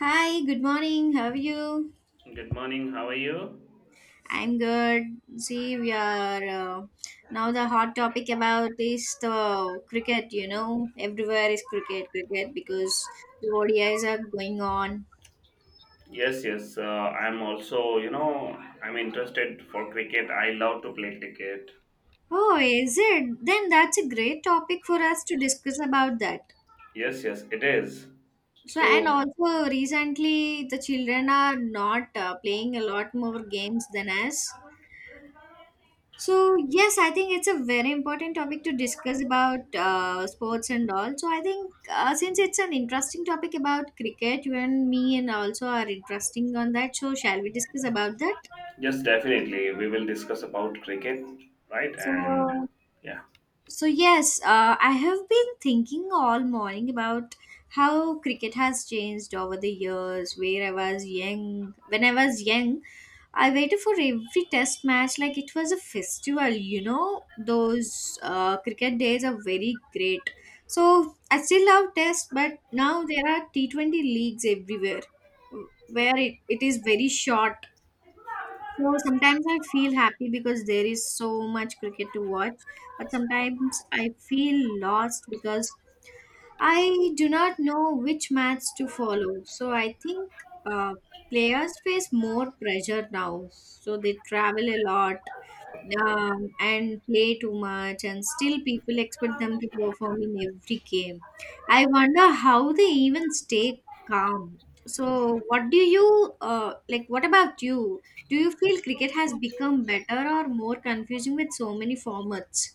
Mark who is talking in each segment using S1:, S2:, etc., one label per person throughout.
S1: Hi, good morning. How are you?
S2: Good morning. How are you?
S1: I'm good. See, we are now the hot topic about is the cricket. You know, everywhere is cricket, cricket because the ODIs are going on.
S2: Yes, yes. I'm also, I'm interested for cricket. I love to play cricket.
S1: Oh, is it? Then that's a great topic for us to discuss about that.
S2: Yes, yes, it is.
S1: So, and
S2: So,
S1: also recently the children are not playing a lot more games than us. So yes, I think it's a very important topic to discuss about sports and all. So I think since it's an interesting topic about cricket, you and me and also are interesting on that. So shall we discuss about that?
S2: yes, definitely, we will discuss about cricket, right? And
S1: So
S2: yeah.
S1: Yes, I have been thinking all morning about how cricket has changed over the years. Where I was young, when I was young, I waited for every test match like it was a festival, you know. Those cricket days are very great. So, I still love tests, but now there are T20 leagues everywhere where it is very short, so sometimes I feel happy because there is so much cricket to watch, but sometimes I feel lost because I do not know which match to follow. So I think uh, players face more pressure now. So they travel a lot, and play too much, and still people expect them to perform in every game. I wonder how they even stay calm. So, what do you like? What about you? Do you feel cricket has become better or more confusing with so many formats?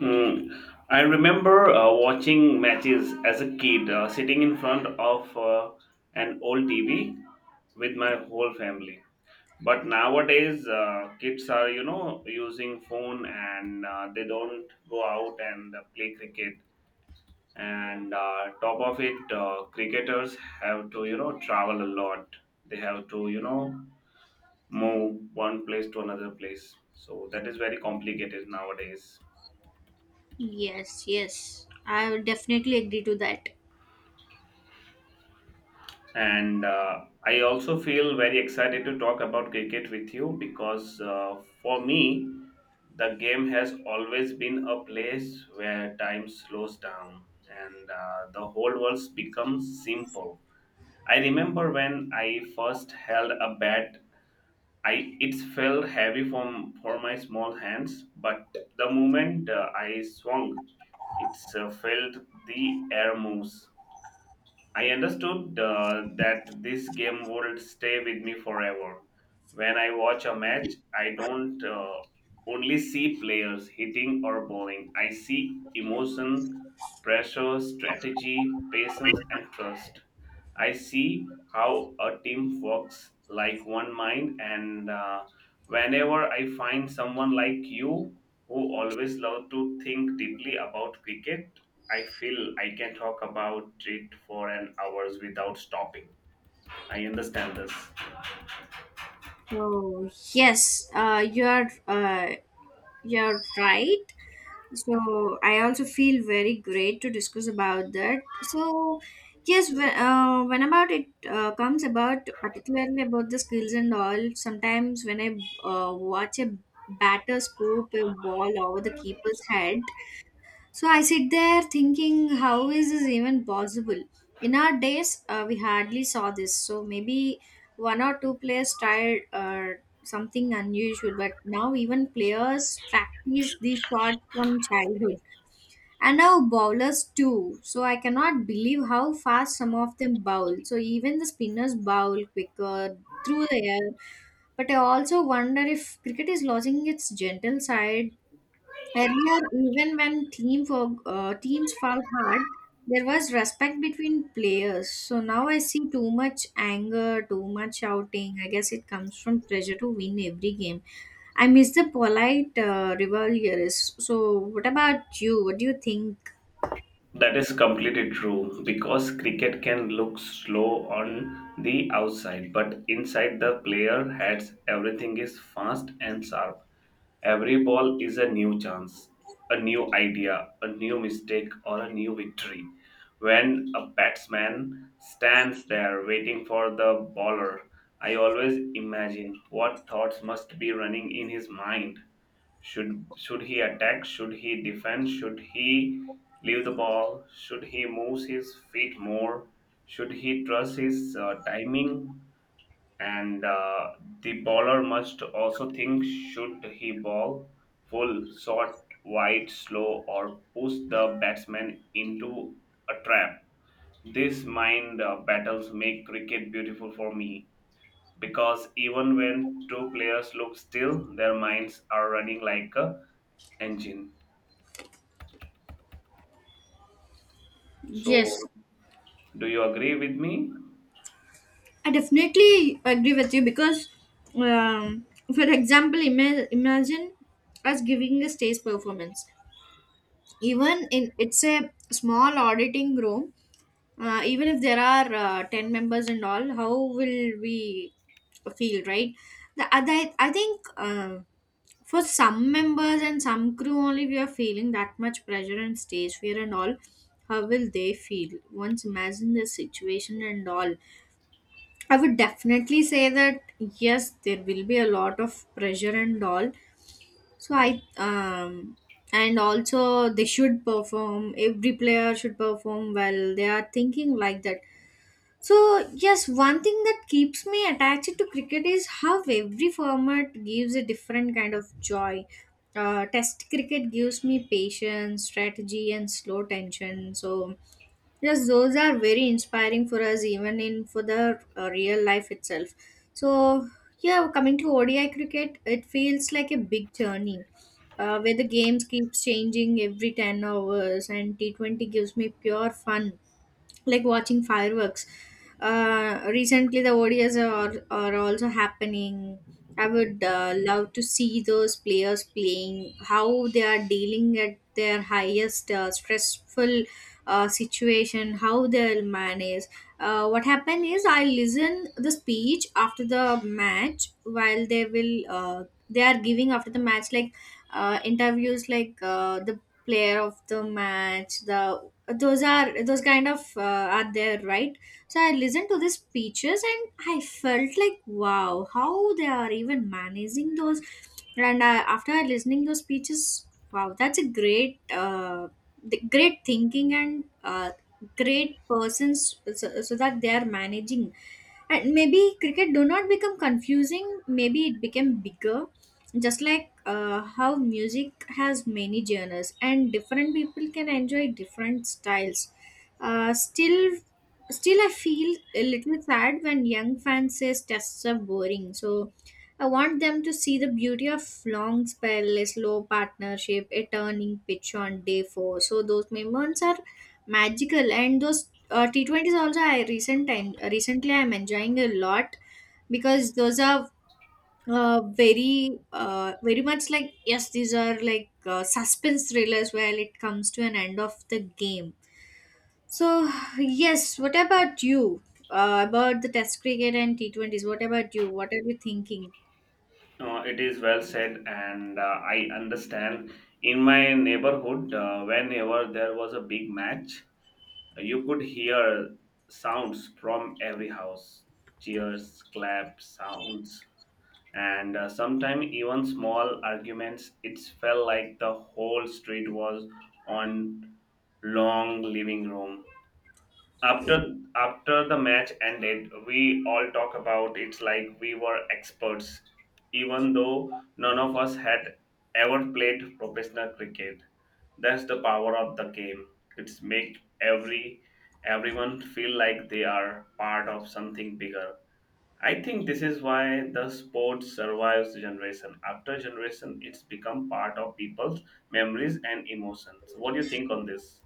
S2: Mm, I remember watching matches as a kid, sitting in front of an old TV with my whole family. But nowadays, kids are using phone, and they don't go out and play cricket. And top of it, cricketers have to travel a lot. They have to move one place to another place. So that is very complicated nowadays.
S1: Yes, yes, I would definitely agree to that.
S2: And I also feel very excited to talk about cricket with you because for me, the game has always been a place where time slows down, and the whole world becomes simple. I remember when I first held a bat, I it felt heavy from for my small hands, but the moment I swung, it felt the air moves. I understood that this game would stay with me forever. When I watch a match, I don't only see players hitting or bowling. I see emotion, pressure, strategy, patience, and trust. I see how a team works like one mind, and whenever I find someone like you who always love to think deeply about cricket, I feel I can talk about it for an hours without stopping. I understand this.
S1: Oh yes, you're right. So I also feel very great to discuss about that. So yes, when about it comes about particularly about the skills and all, sometimes when I watch a batter scoop a ball over the keeper's head, so I sit there thinking, how is this even possible? In our days, we hardly saw this. So maybe one or two players tried something unusual, but now even players practice these shots from childhood. And now bowlers too. So I cannot believe how fast some of them bowl. So even the spinners bowl quicker through the air. But I also wonder if cricket is losing its gentle side. Earlier, even when teams fell hard, there was respect between players. So now I see too much anger, too much shouting. I guess it comes from pressure to win every game. I miss the polite rivalries. So, what about you? What do you think?
S2: That is completely true because cricket can look slow on the outside, but inside the player heads, everything is fast and sharp. Every ball is a new chance, a new idea, a new mistake, or a new victory. When a batsman stands there waiting for the bowler, I always imagine what thoughts must be running in his mind. Should he attack? Should he defend? Should he leave the ball? Should he move his feet more? Should he trust his timing? And the bowler must also think: should he ball full, short, wide, slow, or push the batsman into a trap? These mind battles make cricket beautiful for me, because even when two players look still, their minds are running like a engine.
S1: Yes,
S2: So, do you agree with me?
S1: I definitely agree with you because, um, for example, imagine us giving a stage performance. Even in it's a small auditing room, even if there are 10 members and all, how will we feel, right? The other, I think, for some members and some crew only, we are feeling that much pressure and stage fear and all. How will they feel? Once imagine the situation and all, I would definitely say that yes, there will be a lot of pressure and all. So I, and also they should perform, every player should perform well, they are thinking like that. So, yes, one thing that keeps me attached to cricket is how every format gives a different kind of joy. Test cricket gives me patience, strategy, and slow tension. So, yes, those are very inspiring for us, even in for the real life itself. So, yeah, coming to ODI cricket, it feels like a big journey, where the games keeps changing every 10 hours, and T 20 gives me pure fun, like watching fireworks. Recently, the ODIs are also happening. I would love to see those players playing, how they are dealing at their highest stressful situation, how they'll manage. What happened is, I listen the speech after the match while they will, they are giving after the match, like interviews, like the player of the match, the those are those kind of are there, right? So I listened to the speeches and I felt like, wow, how they are even managing those. And after listening those speeches, wow, that's a great the great thinking and great persons, so, so that they are managing. And maybe cricket do not become confusing, maybe it became bigger, just like how music has many genres and different people can enjoy different styles. Uh, still still I feel a little sad when young fans says tests are boring. So I want them to see the beauty of long spell, slow partnership, a turning pitch on day four. So those moments are magical. And those T20s also, I recently I'm enjoying a lot, because those are very much like, yes, these are like suspense thrillers where it comes to an end of the game. So yes, what about you? About the test cricket and T20s, what about you, what are you thinking?
S2: It is well said, and I understand. In my neighborhood, whenever there was a big match, you could hear sounds from every house: cheers, claps, sounds, and sometimes even small arguments. It felt like the whole street was on long living room. After after the match ended, we all talk about it's like we were experts, even though none of us had ever played professional cricket. That's the power of the game. It's make everyone feel like they are part of something bigger. I think this is why the sport survives generation after generation. It's become part of people's memories and emotions. What do you think on this?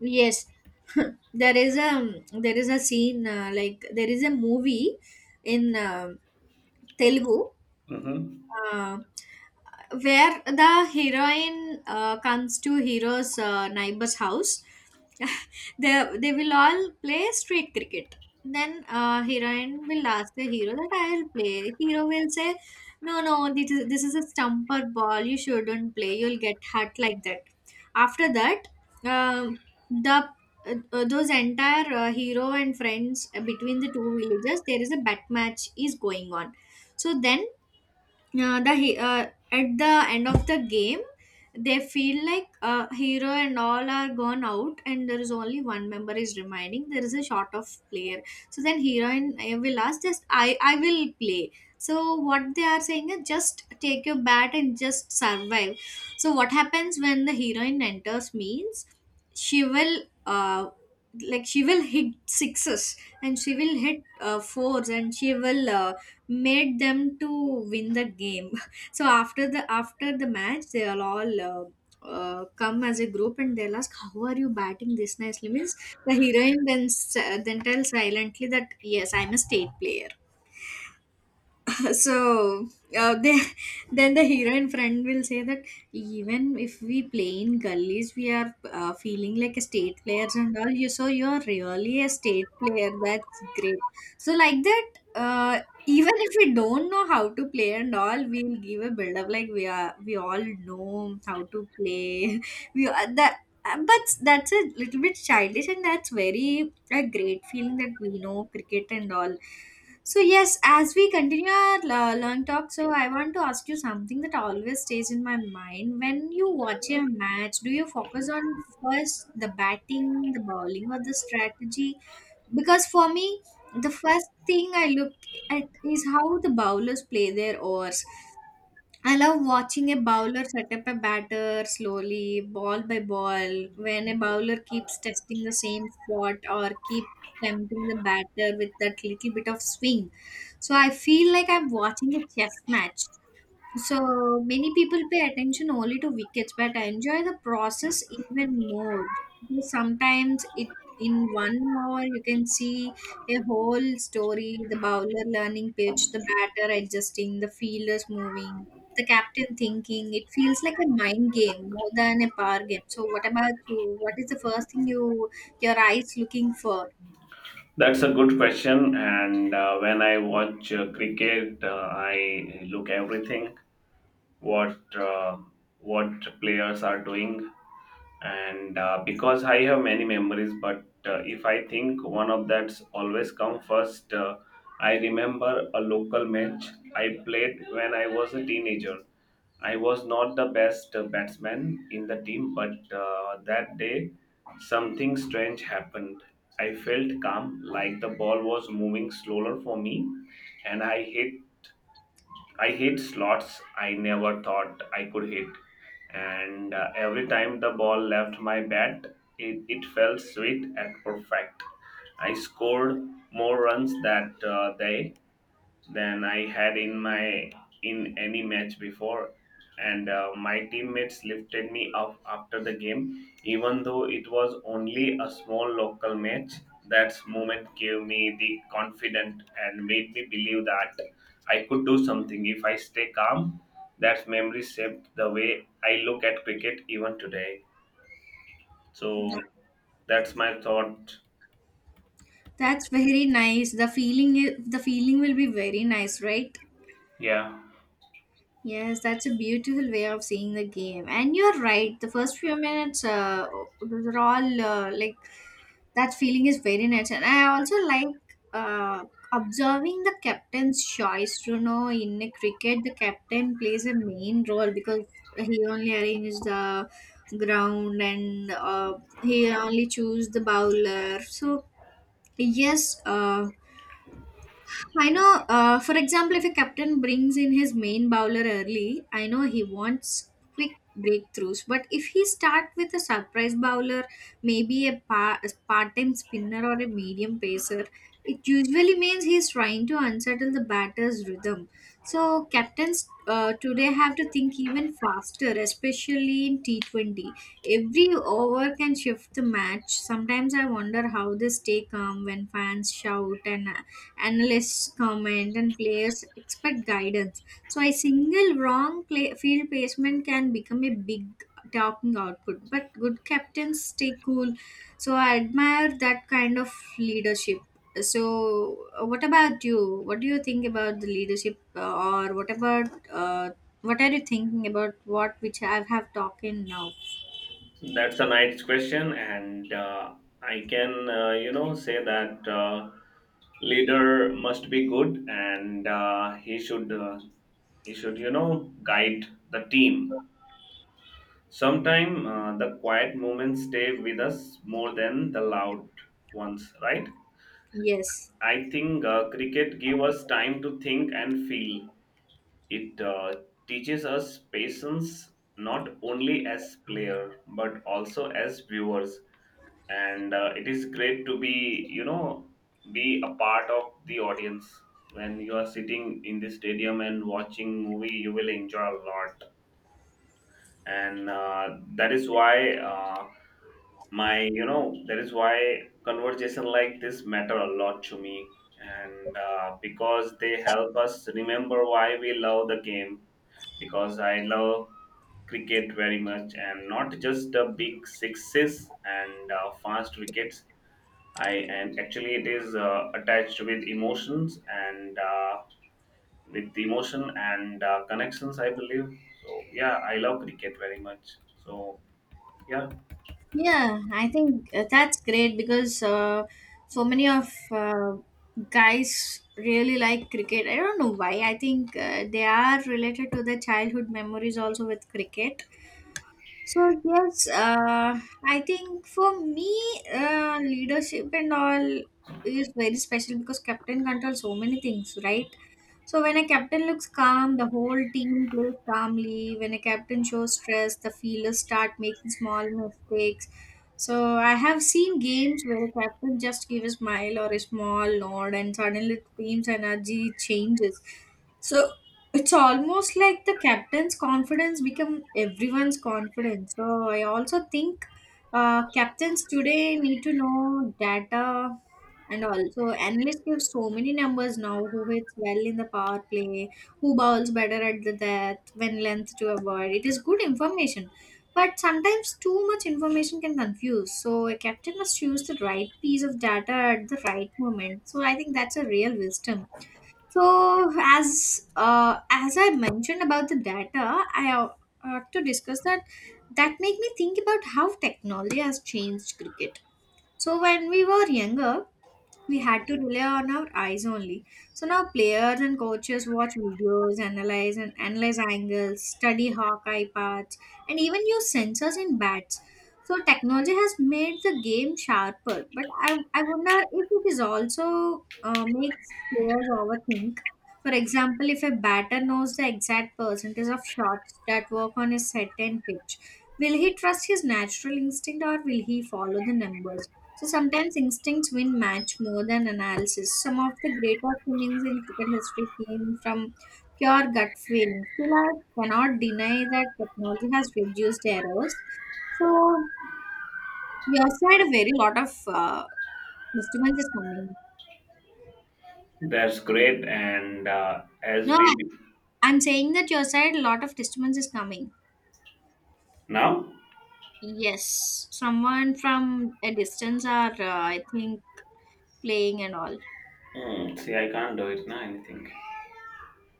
S1: Yes, there is a scene like there is a movie in Telugu,
S2: Hmm.
S1: uh, where the heroine comes to hero's neighbor's house. They they will all play street cricket. Then heroine will ask the hero that I will play. Hero will say, no no, this is a stumper ball, you shouldn't play, you'll get hurt, like that. After that, um the those entire hero and friends, between the two villages there is a bat match is going on. So then, uh, the he- uh, at the end of the game, they feel like hero and all are gone out and there is only one member is remaining, there is a short of player. So then hero and will ask, just I will play. So what they are saying is, just take your bat and just survive. So what happens when the heroine enters means, she will she will hit sixes and she will hit fours and she will made them to win the game. So after the match they'll all come as a group and they'll ask, how are you batting this nicely means? The heroine then then tells silently that, yes, I'm a state player. So they, then the heroine friend will say that, even if we play in gullies, we are feeling like a state players and all you, so you are really a state player, that's great. So like that, uh, even if we don't know how to play and all, we'll give a build up like we are, we all know how to play. We are that, but that's a little bit childish and that's very a great feeling that we know cricket and all. So yes, as we continue our long talk, so I want to ask you something that always stays in my mind. When you watch a match, do you focus on first the batting, the bowling, or the strategy? Because for me, the first thing I look at is how the bowlers play their overs. I love watching a bowler set up a batter slowly, ball by ball. When a bowler keeps testing the same spot or keeps tempting the batter with that little bit of swing, so I feel like I'm watching a chess match. So many people pay attention only to wickets, but I enjoy the process even more. Because sometimes it, in 1 hour you can see a whole story: the bowler learning pitch, the batter adjusting, the fielders moving, the captain thinking. It feels like a mind game more than a power game. So what about you? What is the first thing you, your eyes looking for?
S2: That's a good question. And when I watch cricket, I look everything what uh, what players are doing, and because I have many memories, but if I think one of that's always come first. I remember a local match I played when I was a teenager. I was not the best batsman in the team, but that day something strange happened. I felt calm, like the ball was moving slower for me. And I hit slots I never thought I could hit. And every time the ball left my bat, it felt sweet and perfect. I scored more runs that day than I had in my in any match before. And my teammates lifted me up after the game, even though it was only a small local match. That moment gave me the confidence and made me believe that I could do something if I stay calm. That memory shaped the way I look at cricket even today. So that's my thought.
S1: That's very nice. The feeling, the feeling will be very nice, right?
S2: Yeah.
S1: Yes, that's a beautiful way of seeing the game. And you're right, the first few minutes, those are all like that feeling is very nice. And I also like uh, observing the captain's choice. You know, in a cricket, the captain plays a main role because he only arranges the ground and he only chooses the bowler. So, yes. I know, for example, if a captain brings in his main bowler early, I know he wants quick breakthroughs. But if he start with a surprise bowler, maybe a, a part-time spinner or a medium pacer, it usually means he's trying to unsettle the batter's rhythm. So captains today have to think even faster, especially in T20. Every over can shift the match. Sometimes I wonder how they stay calm when fans shout and analysts comment and players expect guidance, so a single wrong play, field placement can become a big talking output, but good captains stay cool. So I admire that kind of leadership. What about you? What do you think about the leadership, or what about what are you thinking about, what which I have talked in now?
S2: That's a nice question, and I can say that leader must be good, and he should guide the team. Sometime the quiet moments stay with us more than the loud ones, right?
S1: Yes.
S2: I think cricket give us time to think and feel. It teaches us patience, not only as player but also as viewers. And it is great to be you know be a part of the audience. When you are sitting in the stadium and watching movie, you will enjoy a lot. And that is why my you know that is why conversation like this matter a lot to me, and because they help us remember why we love the game, because I love cricket very much, and not just the big sixes and fast wickets. I and Actually it is attached with emotions, and with the emotion and connections, I believe. So yeah, I love cricket very much. So yeah,
S1: Yeah, I think that's great because so many of guys really like cricket. I don't know why. I think they are related to their childhood memories also with cricket. So yes, I think for me, leadership and all is very special because captain controls so many things, right? So when a captain looks calm, the whole team plays calmly. When a captain shows stress, the fielders start making small mistakes. So I have seen games where a captain just give a smile or a small nod, and suddenly the team's energy changes. So it's almost like the captain's confidence become everyone's confidence. So I also think captains today need to know data, and also analysts give so many numbers now. Who hits well in the power play, who bowls better at the death, when length to avoid it is good information, but sometimes too much information can confuse. So a captain must choose the right piece of data at the right moment, so I think that's a real wisdom. So as I mentioned about the data, I ought to discuss that, that make me think about how technology has changed cricket. So when we were younger, we had to rely on our eyes only. So now players and coaches watch videos, analyze and analyze angles, study Hawkeye paths, and even use sensors in bats. So technology has made the game sharper, but I wonder if it is also makes players overthink. For example, if a batter knows the exact percentage of shots that work on a certain pitch, will he trust his natural instinct or will he follow the numbers? So sometimes instincts win match more than analysis. Some of the greatest innings in cricket history came from pure gut feeling. Still, I cannot deny that technology has reduced errors. So your side, a very lot of disturbance is coming.
S2: that's great. And as
S1: No,
S2: we
S1: I- I'm saying that your side, a lot of disturbance is coming.
S2: now.
S1: Yes, someone from a distance are, I think, playing and all.
S2: Hmm, see, I can't do it now. Anything.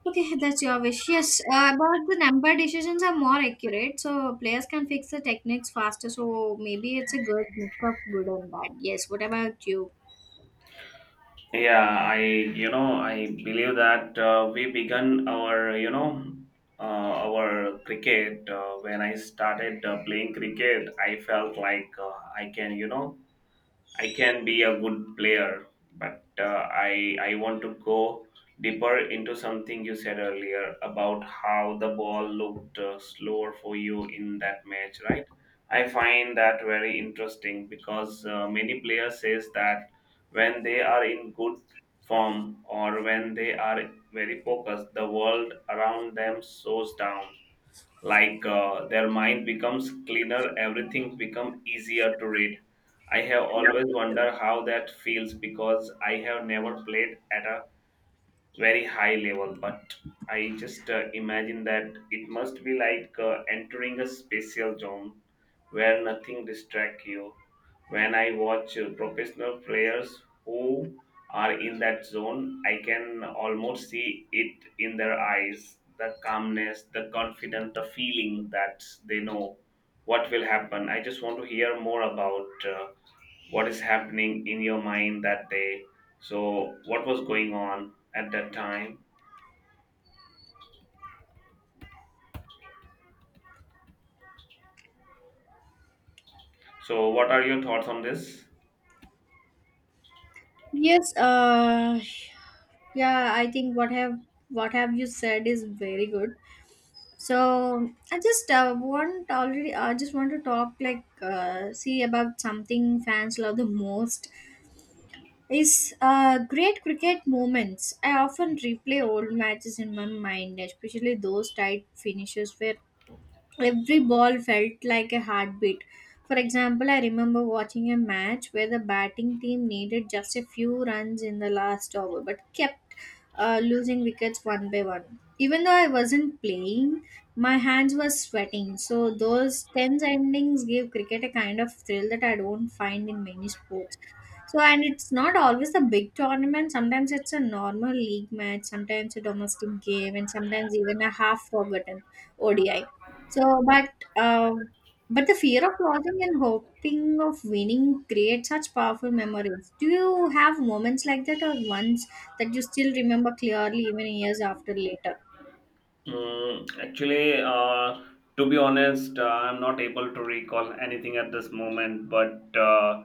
S1: Okay, that's your wish. Yes, but the number decisions are more accurate, so players can fix the techniques faster. So maybe it's a good mix of good and bad. Yes. What about you?
S2: Yeah, I I believe that we began our you know our cricket when I started playing cricket, I felt like I can I can be a good player, but I want to go deeper into something you said earlier about how the ball looked slower for you in that match, right? I find that very interesting because many players says that when they are in good form, or when they are very focused, the world around them slows down, like their mind becomes cleaner, everything become easier to read. I have always wondered how that feels, because I have never played at a very high level, but I just imagine that it must be like entering a special zone where nothing distracts you. When I watch professional players who are in that zone, I can almost see it in their eyes: the calmness, the confidence, the feeling that they know what will happen. I just want to hear more about what is happening in your mind that day. So what was going on at that time? So what are your thoughts on this?
S1: Yes, uh yeah, I think what have you said is very good. So I just want, already I just want to talk like see about something fans love the most. Is great cricket moments. I often replay old matches in my mind, especially those tight finishes where every ball felt like a heartbeat. For example, I remember watching a match where the batting team needed just a few runs in the last over but kept losing wickets one by one. Even though I wasn't playing, my hands were sweating. So those tense endings give cricket a kind of thrill that I don't find in many sports. So, and it's not always a big tournament. Sometimes it's a normal league match, sometimes a domestic game, and sometimes even a half forgotten ODI. So, but um, but the fear of losing and hoping of winning create such powerful memories. Do you have moments like that, or ones that you still remember clearly, even years after later?
S2: Actually, to be honest, I'm not able to recall anything at this moment, but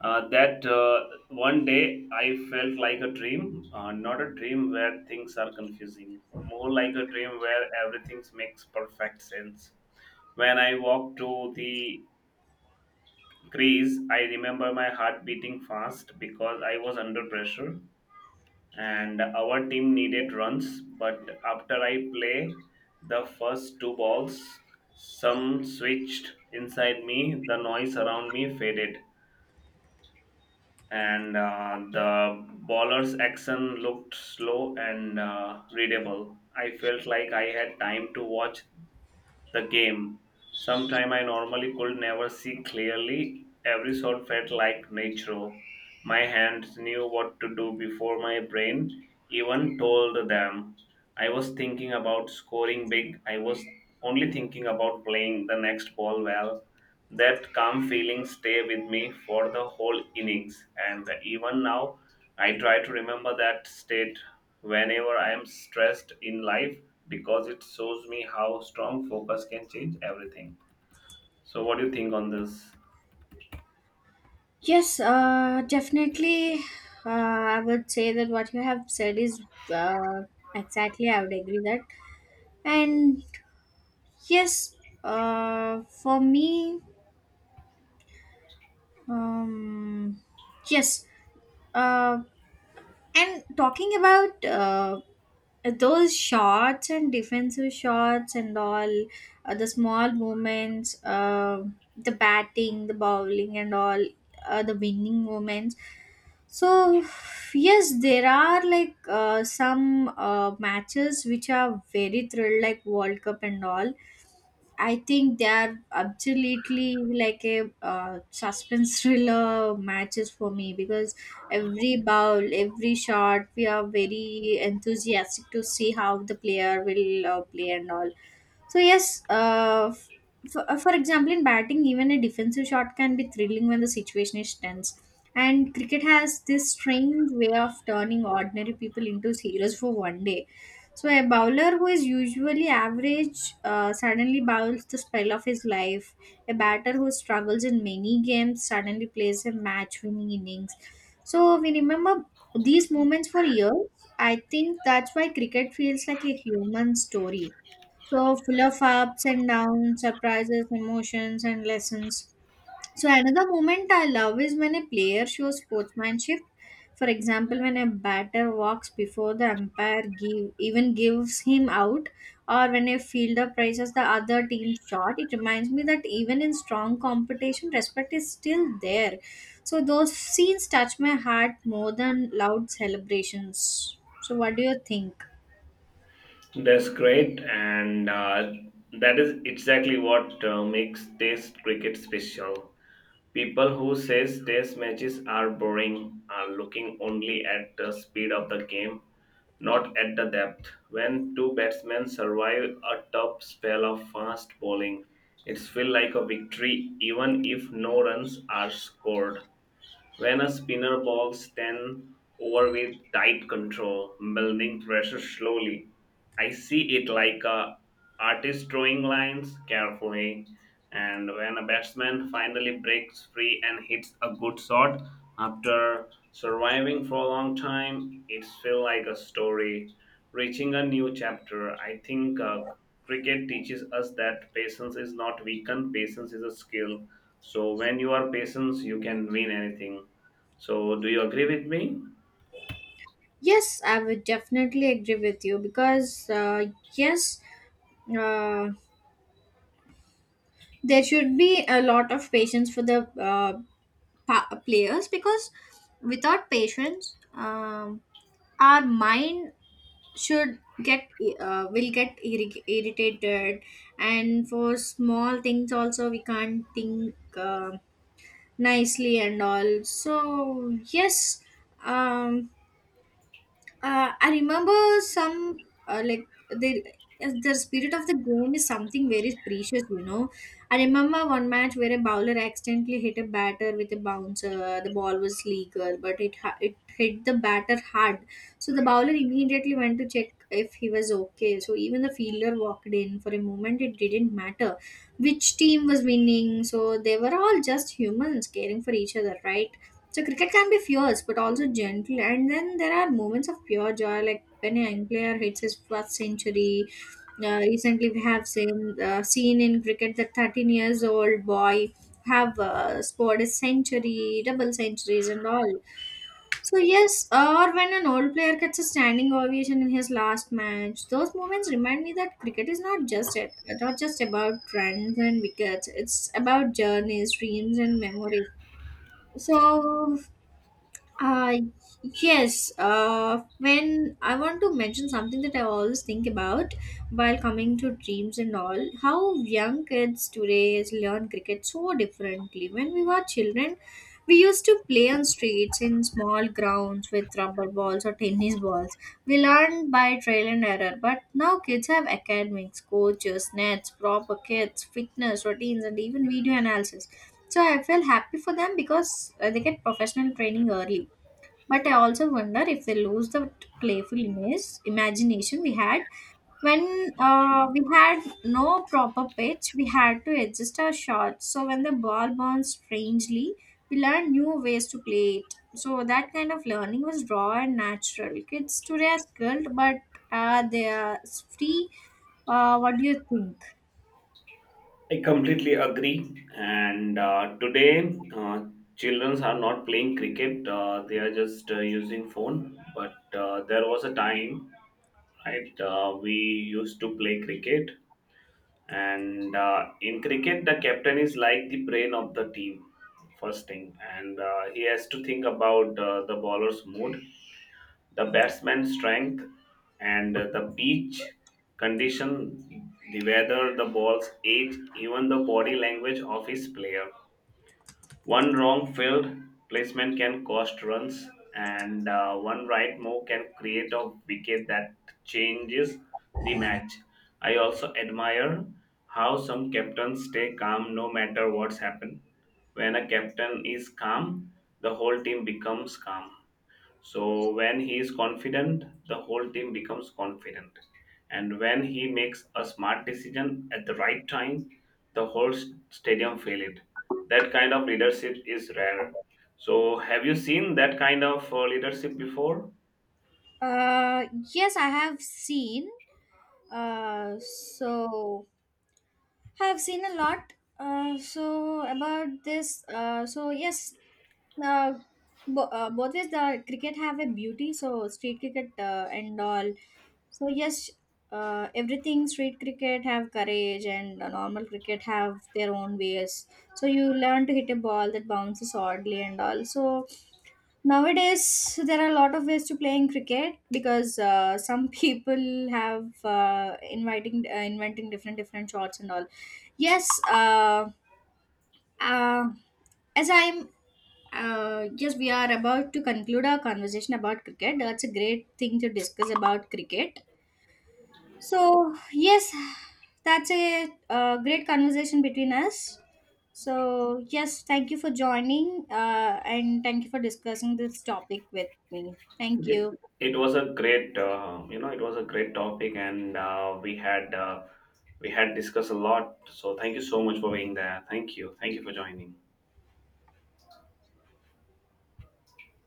S2: that one day I felt like a dream, not a dream where things are confusing, more like a dream where everything makes perfect sense. When I walked to the Greece, I remember my heart beating fast because I was under pressure and our team needed runs. But after I play the first two balls, some switched inside me, the noise around me faded, and the bowler's action looked slow and readable. I felt like I had time to watch the game. Sometime I normally could never see clearly. Every shot felt like nature. My hands knew what to do before my brain even told them. I was thinking about scoring big. I was only thinking about playing the next ball well. That calm feeling stay with me for the whole innings, and even now I try to remember that state whenever I am stressed in life, because it shows me how strong focus can change everything. So, what do you think on this?
S1: Yes, definitely. I would say that what you have said is uh, exactly. I would agree that, and yes, for me, um, yes, uh, and talking about those shots and defensive shots and all, the small movements, the batting, the bowling and all, the winning moments. So yes, there are like some matches which are very thrilled, like World Cup and all. I think they are absolutely like a suspense thriller matches for me, because every bowl, every shot, we are very enthusiastic to see how the player will play and all. So yes, for example, in batting, even a defensive shot can be thrilling when the situation is tense. And cricket has this strange way of turning ordinary people into heroes for one day. So a bowler who is usually average suddenly bowls the spell of his life. A batter who struggles in many games suddenly plays a match-winning innings. So we remember these moments for years. I think that's why cricket feels like a human story, so full of ups and downs, surprises, emotions, and lessons. So another moment I love is when a player shows sportsmanship. For example, when a batter walks before the umpire give, even gives him out, or when a fielder praises the other team's shot, it reminds me that even in strong competition, respect is still there. So those scenes touch my heart more than loud celebrations. So what do you think?
S2: That's great, and that is exactly what makes Test cricket special. People who says test matches are boring are looking only at the speed of the game, not at the depth. When two batsmen survive a tough spell of fast bowling, it feels like a victory even if no runs are scored. When a spinner bowls 10 over with tight control, building pressure slowly, I see it like a artist drawing lines carefully. And when a batsman finally breaks free and hits a good shot after surviving for a long time, it's feel like a story reaching a new chapter. I think cricket teaches us that patience is not weakened, patience is a skill. So when you are patient, you can win anything. So do you agree with me?
S1: Yes, I would definitely agree with you because, yes, uh, there should be a lot of patience for the players, because without patience, our mind should get will get irritated, and for small things also we can't think nicely and all. So yes, um, I remember some like the spirit of the game is something very precious, you know. I remember one match where a bowler accidentally hit a batter with a bouncer. The ball was legal, but it it hit the batter hard, so the bowler immediately went to check if he was okay. So even the fielder walked in for a moment. It didn't matter which team was winning, so they were all just humans caring for each other, right? So cricket can be fierce but also gentle, and then there are moments of pure joy, like when a young player hits his first century. Recently, we have seen seen in cricket that 13 years old boy have scored a century, double centuries, and all. So yes, or when an old player gets a standing ovation in his last match, those moments remind me that cricket is not just it, not just about runs and wickets. It's about journeys, dreams, and memories. So uh, yes, when I want to mention something that I always think about while coming to dreams and all, how young kids today is learn cricket so differently. When we were children, we used to play on streets in small grounds with rubber balls or tennis balls. We learned by trial and error, but now kids have academics, coaches, nets, proper kits, fitness routines, and even video analysis. So I feel happy for them because they get professional training early, but I also wonder if they lose the playfulness, imagination we had when we had no proper pitch. We had to adjust our shots. So when the ball bounced strangely, we learned new ways to play it. So that kind of learning was raw and natural. Kids today are skilled, but they are free. What do you think?
S2: I completely agree. And today, children are not playing cricket. They are just using phone. But there was a time, right? We used to play cricket. And in cricket, the captain is like the brain of the team, first thing. And he has to think about the bowler's mood, the batsman's strength, and the pitch condition, the weather, the ball's age, even the body language of his player. One wrong field placement can cost runs, and one right move can create a wicket that changes the match. I also admire how some captains stay calm no matter what's happened. When a captain is calm, the whole team becomes calm. So when he is confident, the whole team becomes confident. And when he makes a smart decision at the right time, the whole stadium feel it. That kind of leadership is rare. So have you seen that kind of leadership before?
S1: Uh, yes, I have seen. So have seen a lot. So about this, so yes, uh, both is the cricket have a beauty. So street cricket and all. So yes, everything street cricket have courage and normal cricket have their own ways. So you learn to hit a ball that bounces oddly and all. So nowadays, there are a lot of ways to playing cricket because some people have inviting inventing different different shots and all. Yes, uh, as I'm yes, we are about to conclude our conversation about cricket. That's a great thing to discuss about cricket. So yes, that's a great conversation between us. So yes, thank you for joining and thank you for discussing this topic with me. Thank
S2: Okay.
S1: you.
S2: It was a great, it was a great topic, and we had discussed a lot. So thank you so much for being there. Thank you for joining.